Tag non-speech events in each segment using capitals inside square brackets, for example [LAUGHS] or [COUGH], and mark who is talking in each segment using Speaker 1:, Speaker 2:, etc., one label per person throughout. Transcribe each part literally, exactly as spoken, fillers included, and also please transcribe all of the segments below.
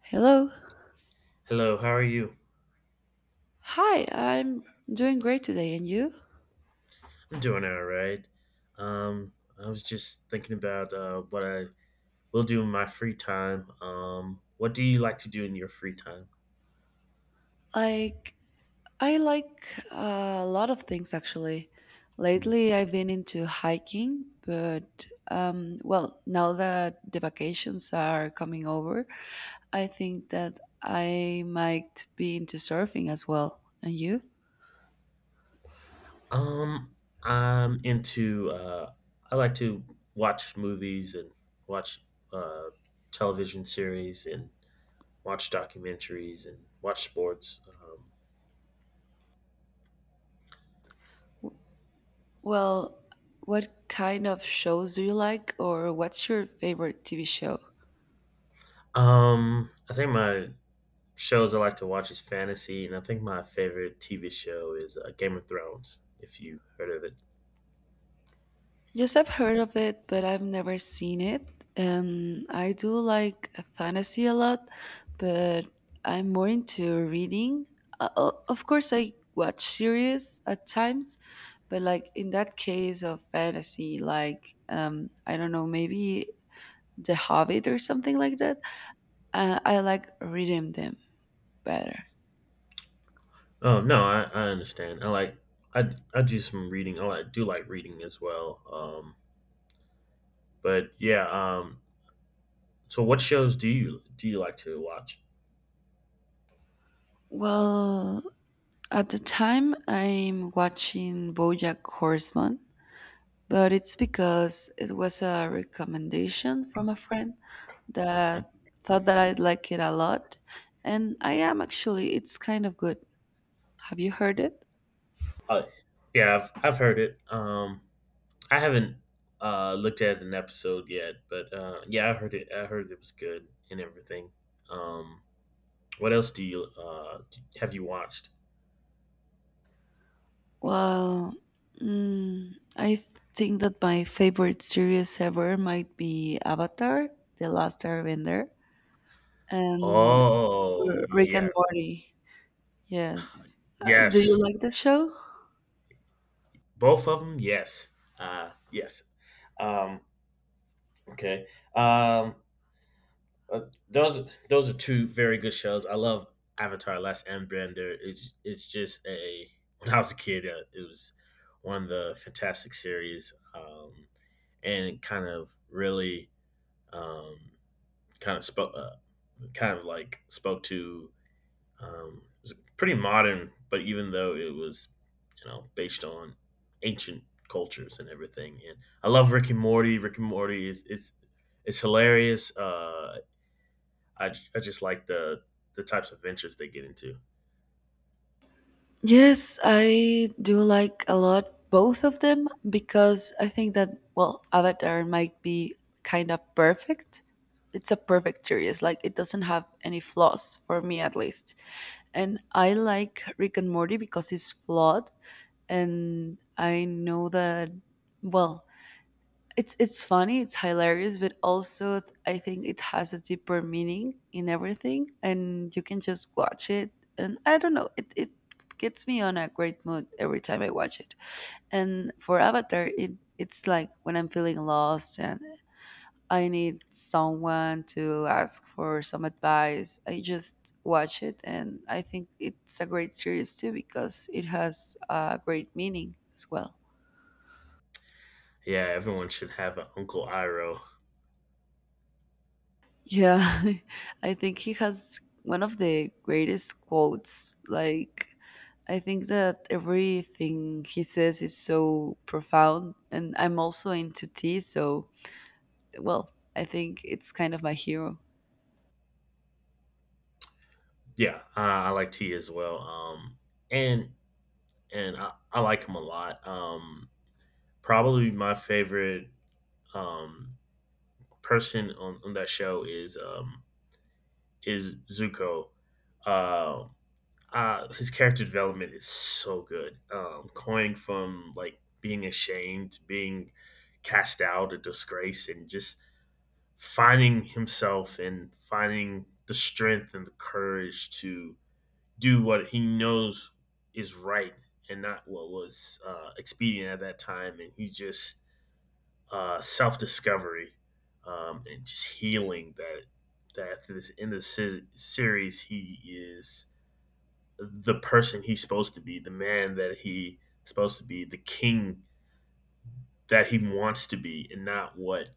Speaker 1: Hello.
Speaker 2: Hello, how are you?
Speaker 1: Hi, I'm doing great today. And you?
Speaker 2: I'm doing all right. Um, I was just thinking about uh, what I will do in my free time. Um, what do you like to do in your free time?
Speaker 1: Like, I like uh, a lot of things actually.
Speaker 2: Hmm.
Speaker 1: Lately, I've been into hiking, but um, well, now that the vacations are coming over, I think that I might be into surfing as well. And you?
Speaker 2: Um, I'm into. Uh, I like to watch movies and watch uh, television series and watch documentaries and watch sports.
Speaker 1: Well, what kind of shows do you like, or what's your favorite T V show?
Speaker 2: Um, um, I think my shows I like to watch is fantasy, and I think my favorite T V show is uh, Game of Thrones. If you heard of it,
Speaker 1: Yes, I've heard of it, but I've never seen it. Um, I do like fantasy a lot, but I'm more into reading. Uh, o- of course, I watch series at times, but like in that case of fantasy, like um, I don't know, maybe The Hobbit or something like that. Uh, I like reading them better.
Speaker 2: oh no, I, I understand. I like I, I do some reading. Oh, I like, do like reading as well. Um, but yeah. Um, so what shows do you do you like to watch?
Speaker 1: Well, at the time, I'm watching BoJack Horseman, but it's because it was a recommendation from a friend that thought that I'd like it a lot. And I am actually, it's kind of good. Have you heard
Speaker 2: Mhm.
Speaker 1: it?
Speaker 2: Uh, yeah, I've I've heard it. Um, I haven't uh looked at an episode yet, but uh, yeah, I heard it. I heard it was good and everything. Um, what else do you uh d have you watched?
Speaker 1: Well, mm, I th- think that my favorite series ever might be Avatar, The Last Airbender, and
Speaker 2: Oh,
Speaker 1: Rick
Speaker 2: yeah.
Speaker 1: and Morty. Yes. Uh, do you
Speaker 2: Yes.
Speaker 1: like the show?
Speaker 2: Both of them, yes. Uh yes. Um okay. Um uh, those those are two very good shows. I love Avatar Last Airbender. It's it's just a when I was a kid, uh, it was one of the fantastic series um and it kind of really um kind of spoke uh, kind of like spoke to Um, it pretty modern, but even though it was, you know, based on ancient cultures and everything. And I love Rick and Morty. Rick and Morty is it's it's hilarious. Uh, I I just like the the types of ventures they get into.
Speaker 1: Yes, I do like a lot both of them because I think that, well, Avatar might be kind of perfect. It's a perfect series, like it doesn't have any flaws for me at least. And I like Rick and Morty because it's flawed and I know that, well, it's it's funny, it's hilarious, but also th- I think it has a deeper meaning in everything, and you can just watch it. And I don't know, it it gets me on a great mood every time I watch it. And for Avatar, it it's like when I'm feeling lost and I need someone to ask for some advice. I just watch it, and I think it's a great series too because it has a great meaning as well.
Speaker 2: Yeah, everyone should have an Uncle Iroh.
Speaker 1: Yeah, [LAUGHS] I think he has one of the greatest quotes. Like, I think that everything he says is so profound, and I'm also into tea, so, well, I think it's kind of my hero.
Speaker 2: Yeah, uh, I like T as well. Um, and and I, I like him a lot. Um, probably my favorite um person on, on that show is um is Zuko. Uh, uh, his character development is so good. Um, going from like being ashamed, being cast out, a disgrace, and just finding himself and finding the strength and the courage to do what he knows is right and not what was uh, expedient at that time. And he just uh, self discovery um, and just healing that that this in this series he is the person he's supposed to be, the man that he's supposed to be, the king that he wants to be, and not what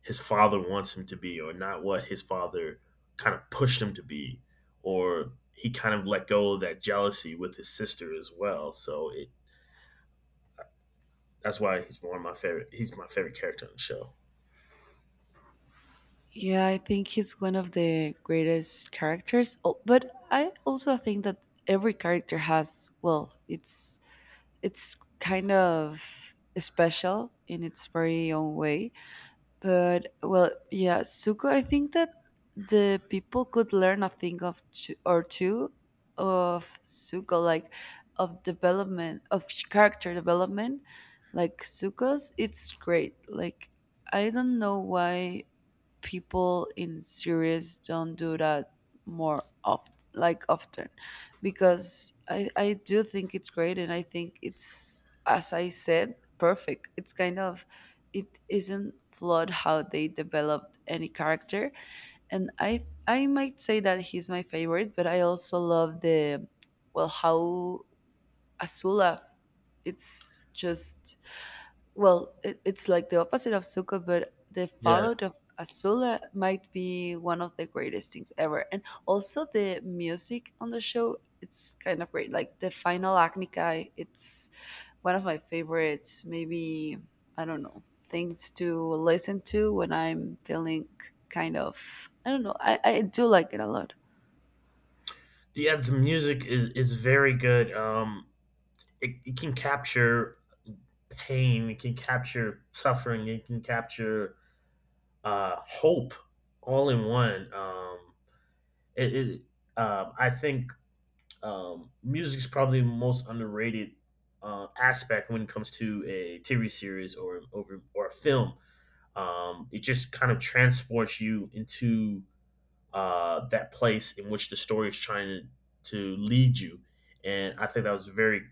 Speaker 2: his father wants him to be, or not what his father kind of pushed him to be, or he kind of let go of that jealousy with his sister as well. So it, that's why he's one of my favorite. He's my favorite character on the show.
Speaker 1: Yeah, I think he's one of the greatest characters, al- but I also think that every character has, well, it's it's kind of special in its very own way. But well, yeah, Suko. I think that the people could learn a thing of two, or two of Suko, like of development of character development. Like Suko's, it's great. Like I don't know why people in series don't do that more often like often because i i do think it's great and I think it's, as I said, perfect. It's kind of, it isn't flawed how they developed any character, and i i might say that he's my favorite, but I also love the, well, how Azula, it's just, well, it, it's like the opposite of Zuko, but the
Speaker 2: Yeah,
Speaker 1: fallout of Azula might be one of the greatest things ever. And also the music on the show, it's kind of great. Like the final Agnikai, it's one of my favorites. Maybe I don't know, things to listen to when I'm feeling kind of, I don't know. I, I do like it a lot.
Speaker 2: yeah, the music is, is very good. Um, it, it can capture pain, it can capture suffering, it can capture uh, hope all in one. Um, it, it um, I think um, music is probably the most underrated uh, aspect when it comes to a T V series or over or a film. Um, it just kind of transports you into uh, that place in which the story is trying to, to lead you, and I think that was very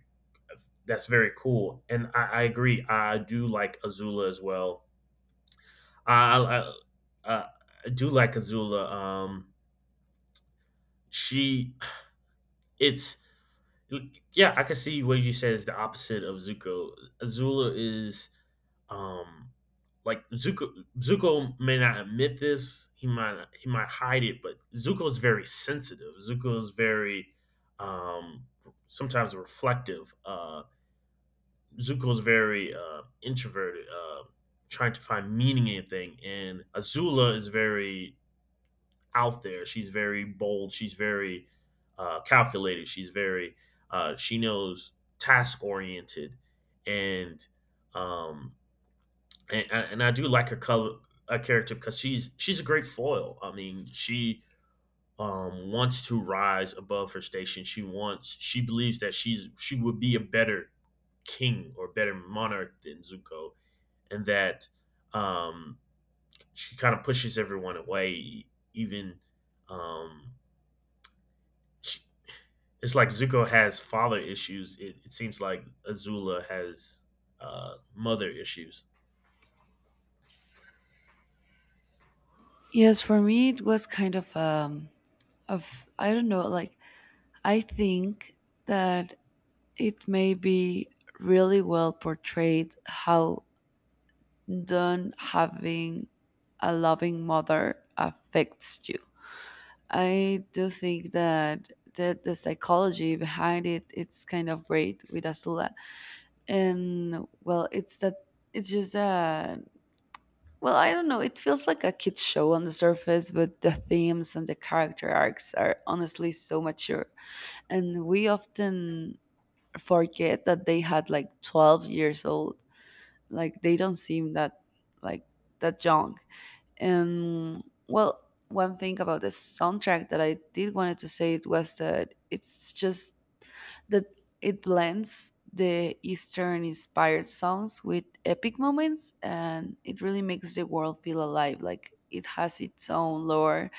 Speaker 2: that's very cool. And I, I agree. I do like Azula as well. I, I, I, I do like Azula. Um, she, it's yeah, I can see what you said is the opposite of Zuko. Azula is um like Zuko Zuko may not admit this, he might he might hide it, but Zuko is very sensitive. Zuko is very um sometimes reflective. Uh Zuko's very uh, introverted, uh, trying to find meaning in anything, and Azula is very out there. She's very bold. She's very uh, calculated. She's very uh, she knows task oriented, and um and, and I do like her color uh, character because she's she's a great foil. I mean, she um, wants to rise above her station. She wants. She believes that she's she would be a better king or better monarch than Zuko, and that um, she kind of pushes everyone away. Even um, she, it's like Zuko has father issues. It, it seems like Azula has uh, mother issues.
Speaker 1: Yes, for me it was kind of um of, I don't know, like I think that it may be really well portrayed how don't having a loving mother affects you. I do think that the, the psychology behind it, it's kind of great with Azula. And well it's that, it's just that, well I don't know, it feels like a kid's show on the surface, but the themes and the character arcs are honestly so mature. And we often forget that they had like twelve years old, like they don't seem that, like, that young, and, well, one thing about the soundtrack that I did wanted to say, it was that it's just that it blends the eastern inspired songs with epic moments and it really makes the world feel alive, like it has its own lore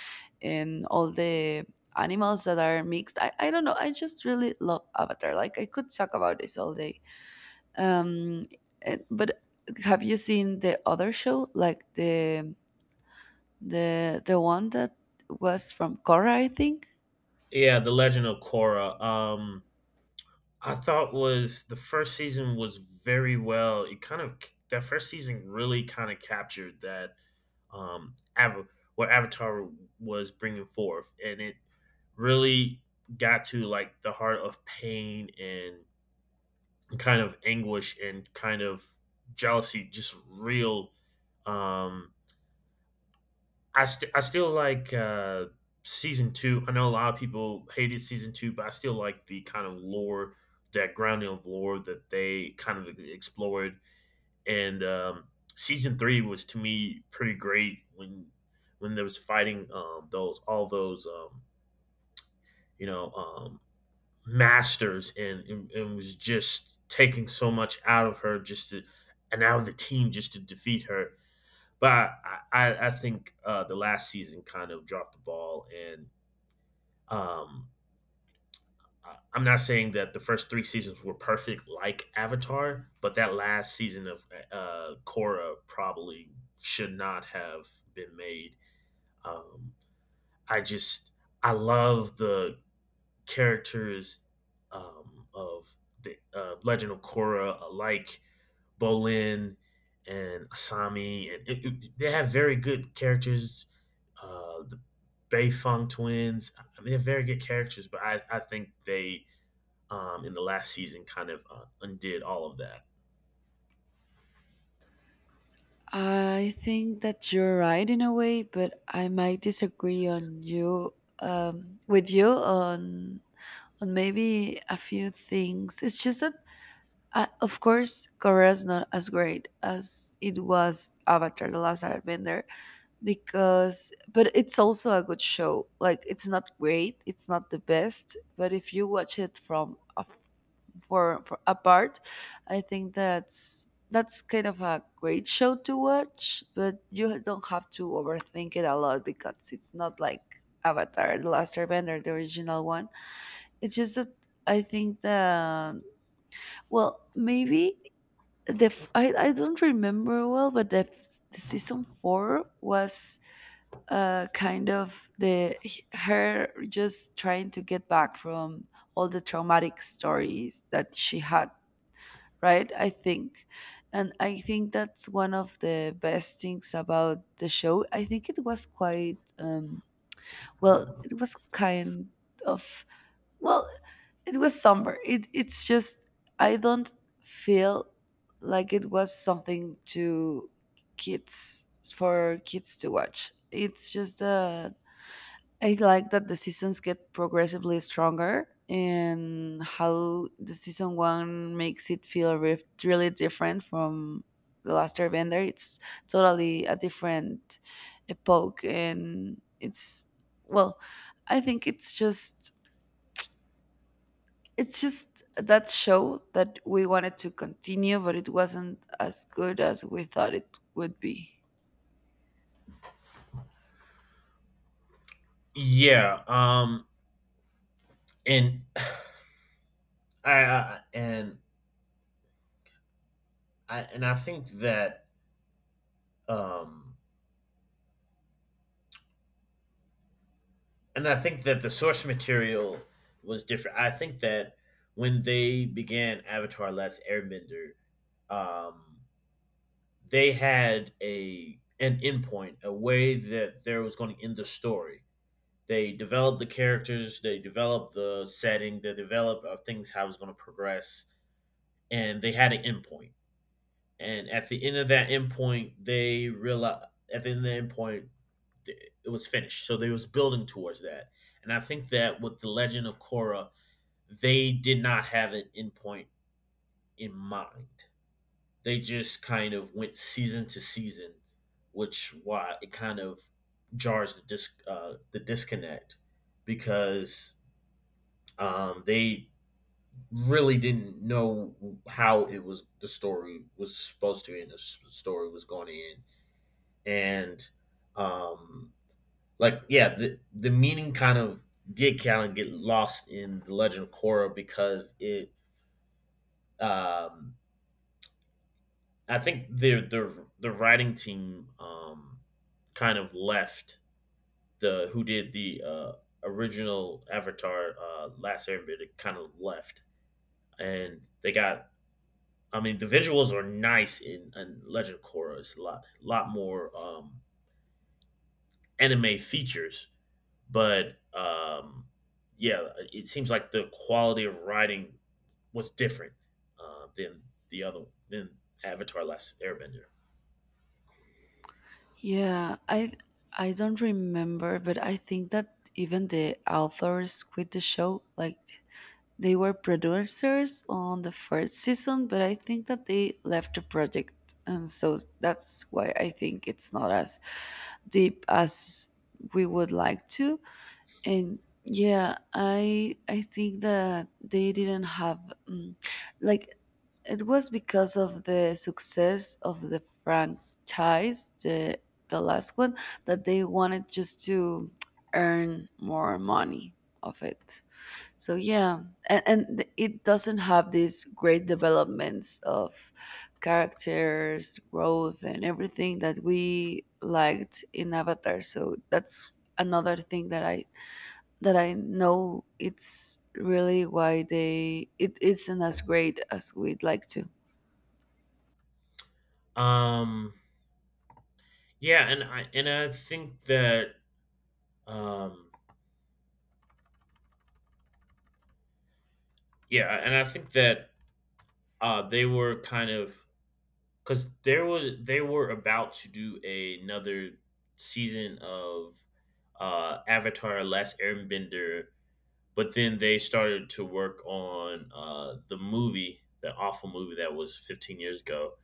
Speaker 1: and all the animals that are mixed. I, I don't know, I just really love Avatar, like I could talk about this all day. um, eh, but have you seen the other show, like the the the one that was from Cora? I think.
Speaker 2: Yeah, the Legend of Korra. Um, I thought was the first season was very well. It kind of That first season really kind of captured that um Ava, what Avatar was bringing forth, and it really got to like the heart of pain and kind of anguish and kind of jealousy, just real. Um I, st- I still like uh, season two. I know a lot of people hated season two, but I still like the kind of lore, that grounding of lore that they kind of explored. And um, Season three was to me pretty great when when there was fighting um, those all those um, you know um, masters and, and and was just taking so much out of her just to and out of the team just to defeat her but I, I, think uh, the last season kind of dropped the ball, and um, I- I'm not saying that the first three seasons were perfect like Avatar, but that last season of uh, Korra probably should not have been made. Um, I just I love the characters um, of the uh, Legend of Korra alike Bolin and Asami, and it, it- they have very good characters. Uh, the Beifong twins, I mean, they have very good characters, but I, I think they um, in the last season kind of uh, undid all of that.
Speaker 1: I think that you're right in a way, but I might disagree on you um, with you on on maybe a few things. It's just that, Uh, of course, Korea's not as great as it was Avatar: The Last Airbender, because, but it's also a good show. Like it's not great, it's not the best, but if you watch it from a, for for apart, I think that's that's kind of a great show to watch. But you don't have to overthink it a lot because it's not like Avatar: The Last Airbender, the original one. It's just that I think that, well, maybe the f- I, I don't remember well, but the, f- the season four was uh kind of, the her just trying to get back from all the traumatic stories that she had, right, I think. And I think that's one of the best things about the show. I think it was quite um well, it was kind of, well, it was somber. It it's just, I don't feel like it was something to kids, for kids to watch. It's just uh I like that the seasons get progressively stronger and how the season one makes it feel re- really different from the last airbender. It's totally a different epoch, and it's, well, I think it's just, it's just that show that we wanted to continue, but it wasn't as good as we thought it would be.
Speaker 2: Yeah, um, and I, I and I and I think that um, and I think that the source material was different. I think that when they began Avatar: Last Airbender, um, they had a an endpoint, a way that there was going to end the story. They developed the characters, they developed the setting, they developed uh, things how it was going to progress, and they had an endpoint. And at the end of that endpoint, they realized at the end of the endpoint, it was finished. So they was building towards that. And I think that with the Legend of Korra, they did not have an endpoint in mind. They just kind of went season to season, which why it kind of jars the dis- uh, the disconnect because um, they really didn't know how it was the story was supposed to end, the story was going to end, and um, like yeah, the the meaning kind of did kind of get lost in the Legend of Korra because it um, I think the the the writing team um, kind of left the who did the uh, original Avatar uh, Last Airbender kind of left, and they got. I mean, the visuals are nice in, in Legend of Korra. It's a lot lot more um, anime features, but um, yeah, it seems like the quality of writing was different uh, than the other than Avatar Last Airbender.
Speaker 1: Yeah, I I don't remember, but I think that even the authors quit the show. Like they were producers on the first season, but I think that they left the project, and so that's why I think it's not as deep as we would like to. And yeah, i i think that they didn't have, mm, like, it was because of the success of the franchise, the the last one, that they wanted just to earn more money of it. So yeah, and, and th- it doesn't have these great developments of characters growth and everything that we liked in Avatar. So that's another thing that i that I know it's really why they, it isn't as great as we'd like to.
Speaker 2: Um, Yeah, and I and I think that um yeah, and I think that uh they were kind of cuz there was they were about to do another season of uh Avatar Last Airbender, but then they started to work on uh the movie, the awful movie that was fifteen years ago.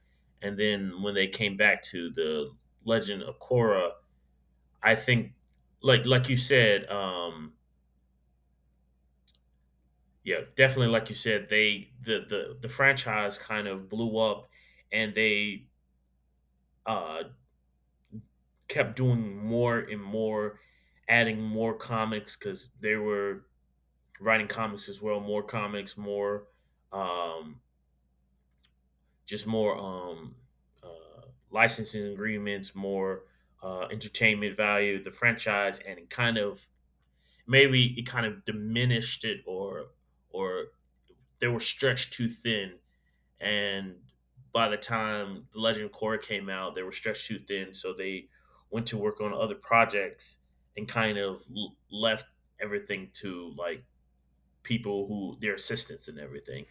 Speaker 2: And then when they came back to the Legend of Korra, I think like like you said um yeah, definitely. Like you said, they the the the franchise kind of blew up, and they uh, kept doing more and more, adding more comics because they were writing comics as well. More comics, more um, just more um, uh, licensing agreements, more uh, entertainment value. The franchise, and it kind of maybe it kind of diminished it, or or they were stretched too thin and by the time the Legend Core came out, they were stretched too thin, so they went to work on other projects and kind of l- left everything to like people who their assistants and everything.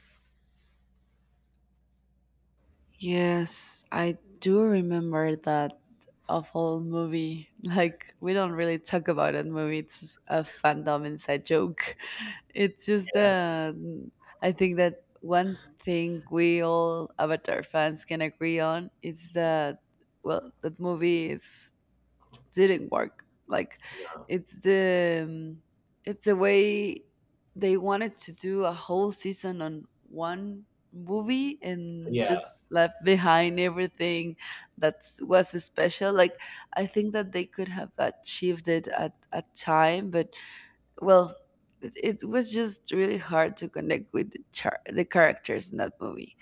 Speaker 1: Yes, I do remember that awful movie. [LAUGHS] Like we don't really talk about that movie. It's just a fandom inside joke. [LAUGHS] It's just
Speaker 2: Yeah.
Speaker 1: uh, I think that one thing we all Avatar fans can agree on is that, well, that movie is, didn't work. Like
Speaker 2: Yeah.
Speaker 1: it's the um, it's the way they wanted to do a whole season on one movie and
Speaker 2: Yeah.
Speaker 1: just left behind everything that was special. Like, I think that they could have achieved it at a time, but, well, it, it was just really hard to connect with the, char- the characters in that movie.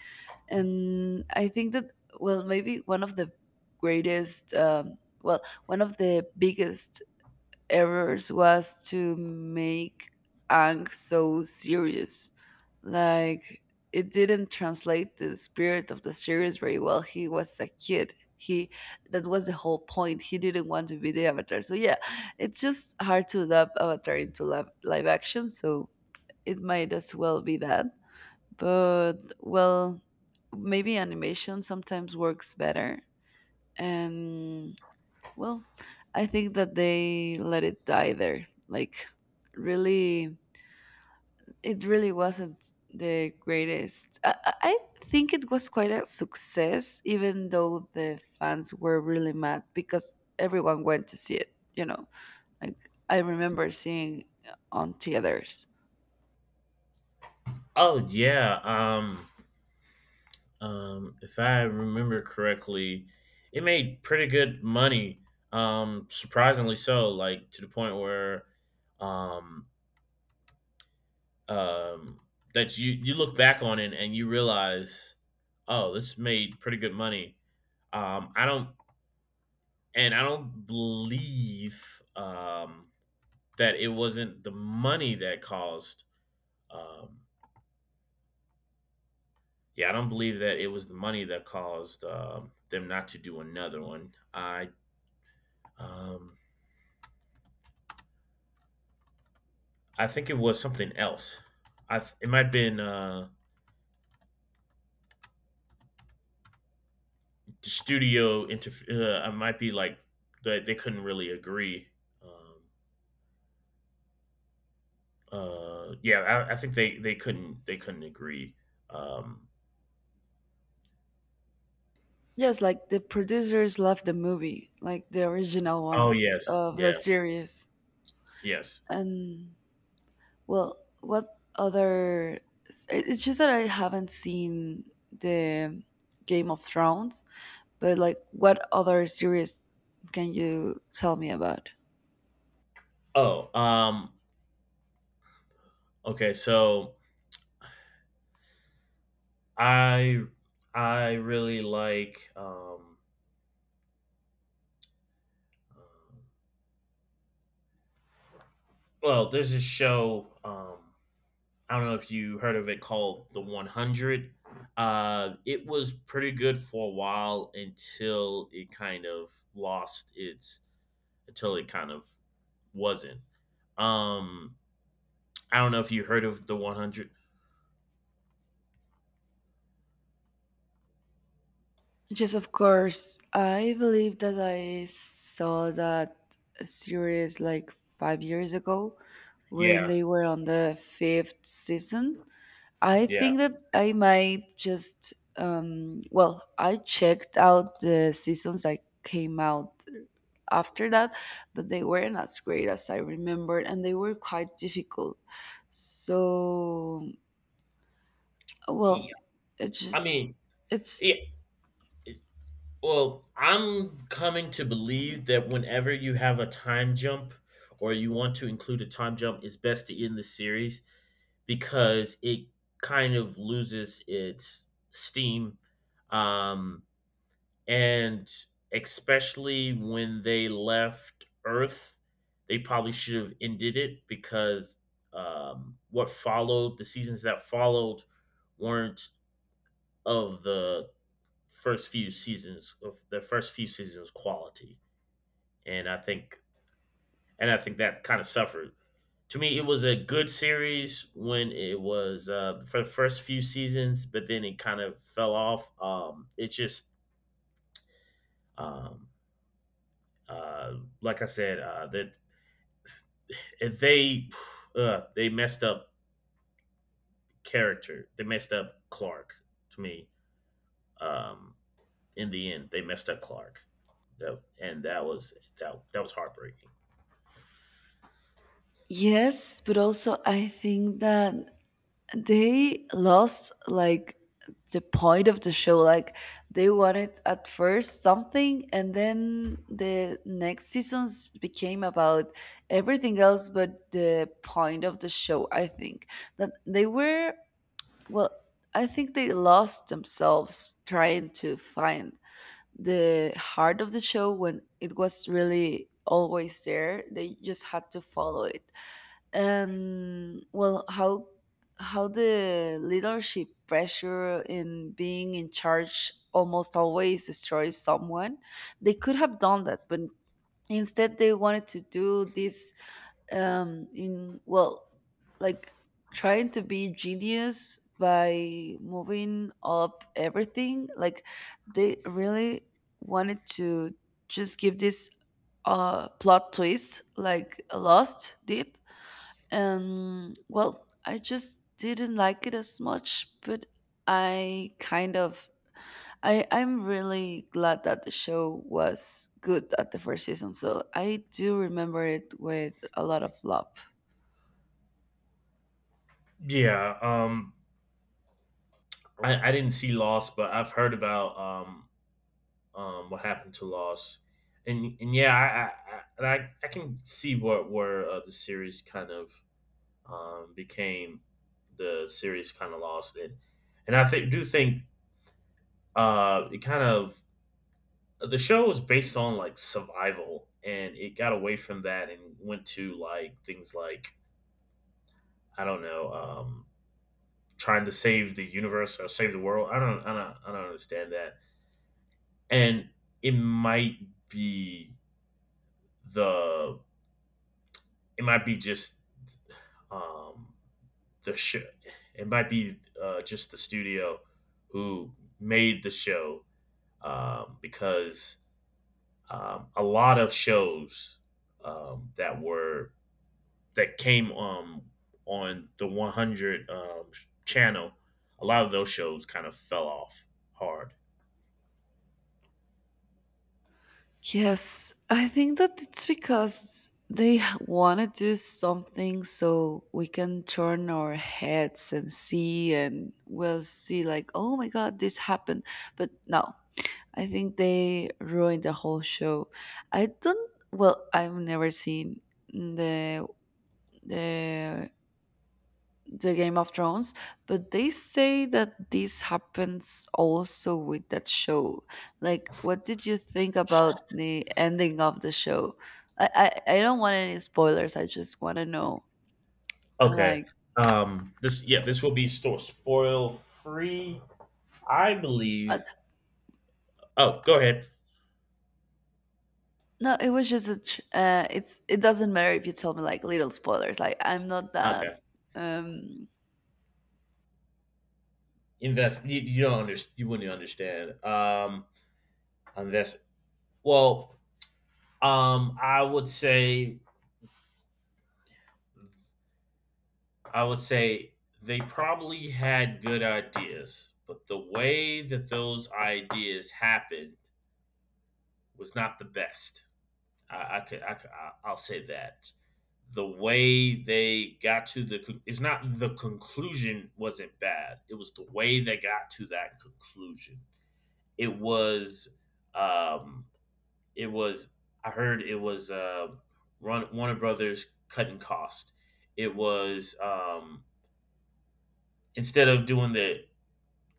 Speaker 1: And I think that, well, maybe one of the greatest, um, well, one of the biggest errors was to make Ang so serious. Like, it didn't translate the spirit of the series very well. He was a kid. He, that was the whole point. He didn't want to be the avatar. So yeah, it's just hard to adapt Avatar into live, live action. So it might as well be that, but, well, maybe animation sometimes works better, and, well, I think that they let it die there. Like, really, it really wasn't the greatest. I, I, I think it was quite a success even though the fans were really mad because everyone went to see it, you know. Like I remember seeing on theaters.
Speaker 2: Oh yeah. Um, um, if I remember correctly, it made pretty good money. Um, surprisingly so. Like to the point where, um, um, that you you look back on it and you realize, oh, this made pretty good money. Um, I don't and I don't believe um, that it wasn't the money that caused. Um, yeah, I don't believe that it was the money that caused um, them not to do another one. I um, I think it was something else. I th- it might have been uh, the studio. Interf- uh, I might be like that they couldn't really agree. Um, Uh, yeah, I, I think they they couldn't they couldn't agree. Um,
Speaker 1: Yes, like the producers left the movie, like the original
Speaker 2: oh
Speaker 1: ones
Speaker 2: yes,
Speaker 1: of the
Speaker 2: yeah,
Speaker 1: series.
Speaker 2: yes.
Speaker 1: And, well, what other? it- It's just that I haven't seen the Game of Thrones, but like, what other series can you tell me about?
Speaker 2: Oh, um, okay. So I I really like. Um, uh, well, there's this show. Um, I don't know if you heard of it called The one hundred. Uh, it was pretty good for a while until it kind of lost its until it kind of wasn't. Um, I don't know if you heard of The one hundred.
Speaker 1: Yes, of course. I believe that I saw that series like five years ago when
Speaker 2: Yeah,
Speaker 1: they were on the fifth season. I
Speaker 2: yeah.
Speaker 1: think that I might just um well, I checked out the seasons that came out after that, but they weren't as great as I remembered and they were quite difficult. So,
Speaker 2: E
Speaker 1: well, it's
Speaker 2: I
Speaker 1: just,
Speaker 2: mean,
Speaker 1: it's,
Speaker 2: yeah, well, I'm coming to believe that whenever you have a time jump or you want to include a time jump, it's best to end the series because it kind of loses its steam. Um, and especially when they left Earth, they probably should have ended it because um, what followed, the seasons that followed, weren't of the first few seasons of the first few seasons quality, and I think and I think that kind of suffered. To me, it was a good series when it was uh, for the first few seasons, but then it kind of fell off. Um, it just um, uh, like I said, uh, that if they uh, they messed up character, they messed up Clark to me. Um, in the end, they messed up Clark, and that was that that was heartbreaking.
Speaker 1: yes, but also I think that they lost like the point of the show, like they wanted at first something and then the next seasons became about everything else but the point of the show. I think that they were, well, I think they lost themselves trying to find the heart of the show when it was really always there. They just had to follow it. And, well, how how the leadership pressure in being in charge almost always destroys someone. They could have done that, but instead they wanted to do this, um in, well, like trying to be genius by moving up everything, like they really wanted to just give this uh plot twist like Lost did. Um, well, I just didn't like it as much, but I kind of, I I'm really glad that the show was good at the first season. So I do remember it with a lot of love.
Speaker 2: Yeah. Um, I, I didn't see Lost, but I've heard about um um what happened to Lost, and and yeah, I I I, I, I can see what where uh, the series kind of um became the series kind of lost it, and I think do think uh it kind of the show was based on like survival, and it got away from that and went to like things like I don't know, um trying to save the universe or save the world. I don't I don't I don't understand that. And it might be the it might be just um the show it might be, uh, just the studio who made the show, um, because um, a lot of shows um, that were that came, um, on the one hundred um, channel, a lot of those shows kind of fell off hard.
Speaker 1: Yes, I think that it's because they want to do something so we can turn our heads and see, and we'll see like, oh my god, this happened. But no, I think they ruined the whole show. I don't. Well, I've never seen the the the Game of Thrones, but they say that this happens also with that show. Like, what did you think about the ending of the show? I I, I don't want any spoilers. I just want to know. uh,
Speaker 2: Okay.
Speaker 1: Like,
Speaker 2: Um, this, yeah, this will be store spoil free, I
Speaker 1: uh,
Speaker 2: believe. Oh, go ahead.
Speaker 1: no, it was just a. Tr- uh, it's, it doesn't matter if you tell me like little spoilers. Like, I'm not that.
Speaker 2: Okay.
Speaker 1: Um,
Speaker 2: Invest. You, you don't understand. You wouldn't understand. Um, unless well, um, I would say, I would say they probably had good ideas, but the way that those ideas happened was not the best. I, I could, I could, I- I'll say that the way they got to the con- it's not the conclusion wasn't bad. It was the way they got to that conclusion. It was um it was I heard it was, uh Run- Warner Brothers cutting cost. It was um Instead of doing the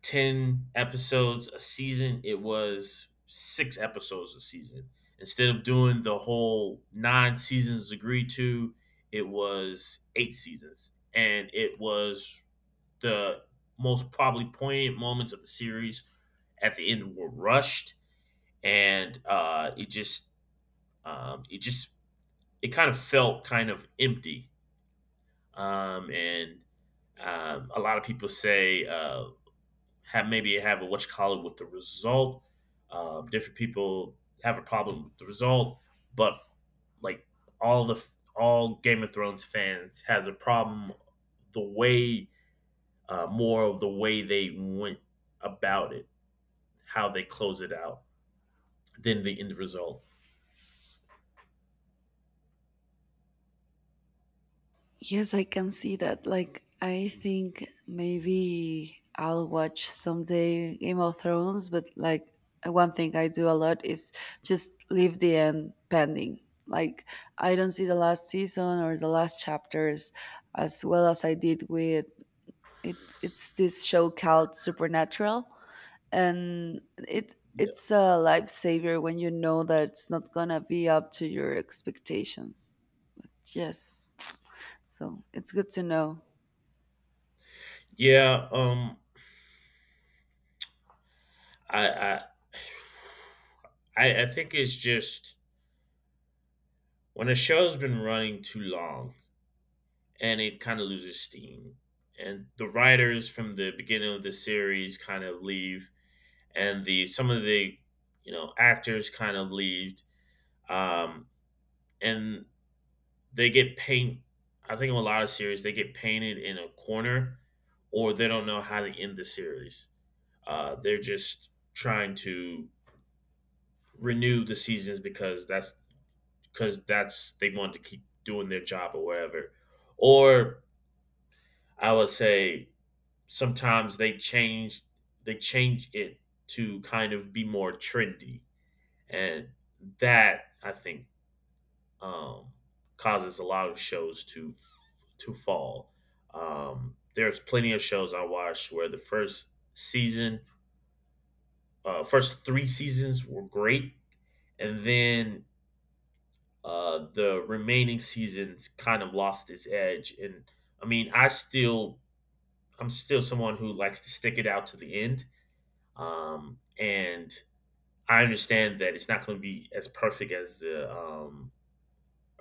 Speaker 2: ten episodes a season, it was six episodes a season. Instead of doing the whole nine seasons agreed to, it was eight seasons, and it was the most probably poignant moments of the series at the end were rushed, and uh, it just um, it just it kind of felt kind of empty. Um, and um, A lot of people say, uh, have maybe have a what you call it with the result. Um, different people have a problem with the result, but like all the all Game of Thrones fans has a problem the way uh, more of the way they went about it, how they close it out, than the end result.
Speaker 1: Yes, I can see that. Like, I think maybe I'll watch someday Game of Thrones, but like, one thing I do a lot is just leave the end pending. Like, I don't see the last season or the last chapters as well as I did with it. It's this show called Supernatural, and it
Speaker 2: Yeah,
Speaker 1: it's a lifesaver when you know that it's not gonna be up to your expectations. Yes. So it's good to know.
Speaker 2: yeah. Um, I I I I think it's just when a show's been running too long and it kind of loses steam, and the writers from the beginning of the series kind of leave, and the some of the, you know, actors kind of leave, um, and they get paint. I think in a lot of series they get painted in a corner, or they don't know how to end the series. Uh, they're just trying to renew the seasons because that's because that's they wanted to keep doing their job or whatever. Or I would say sometimes they change they change it to kind of be more trendy, and that I think, um, causes a lot of shows to to fall. Um, there's plenty of shows I watched where the first season, uh, first three seasons were great, and then uh, the remaining seasons kind of lost its edge. And I mean, I still, I'm still someone who likes to stick it out to the end. Um, and I understand that it's not going to be as perfect as the, um,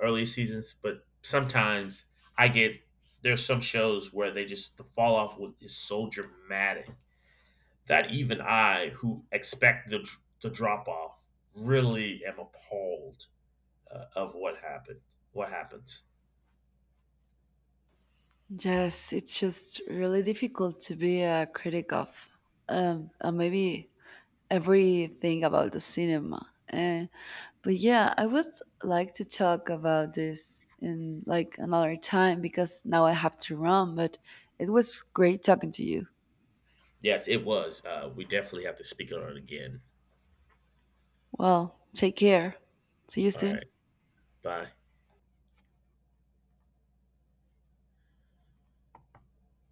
Speaker 2: earlier seasons, but sometimes I get there's some shows where they just the fall off was- is so dramatic that even I, who expect the the drop off, really am appalled, uh, of what happened. What happens?
Speaker 1: Yes, it's just really difficult to be a critic of um, uh, maybe everything about the cinema. Uh, but yeah, I would like to talk about this in like another time because now I have to run. But it was great talking to you.
Speaker 2: Yes, it was. Uh, we definitely have to speak on it again.
Speaker 1: Well, take care. See you
Speaker 2: All right.
Speaker 1: soon.
Speaker 2: Bye.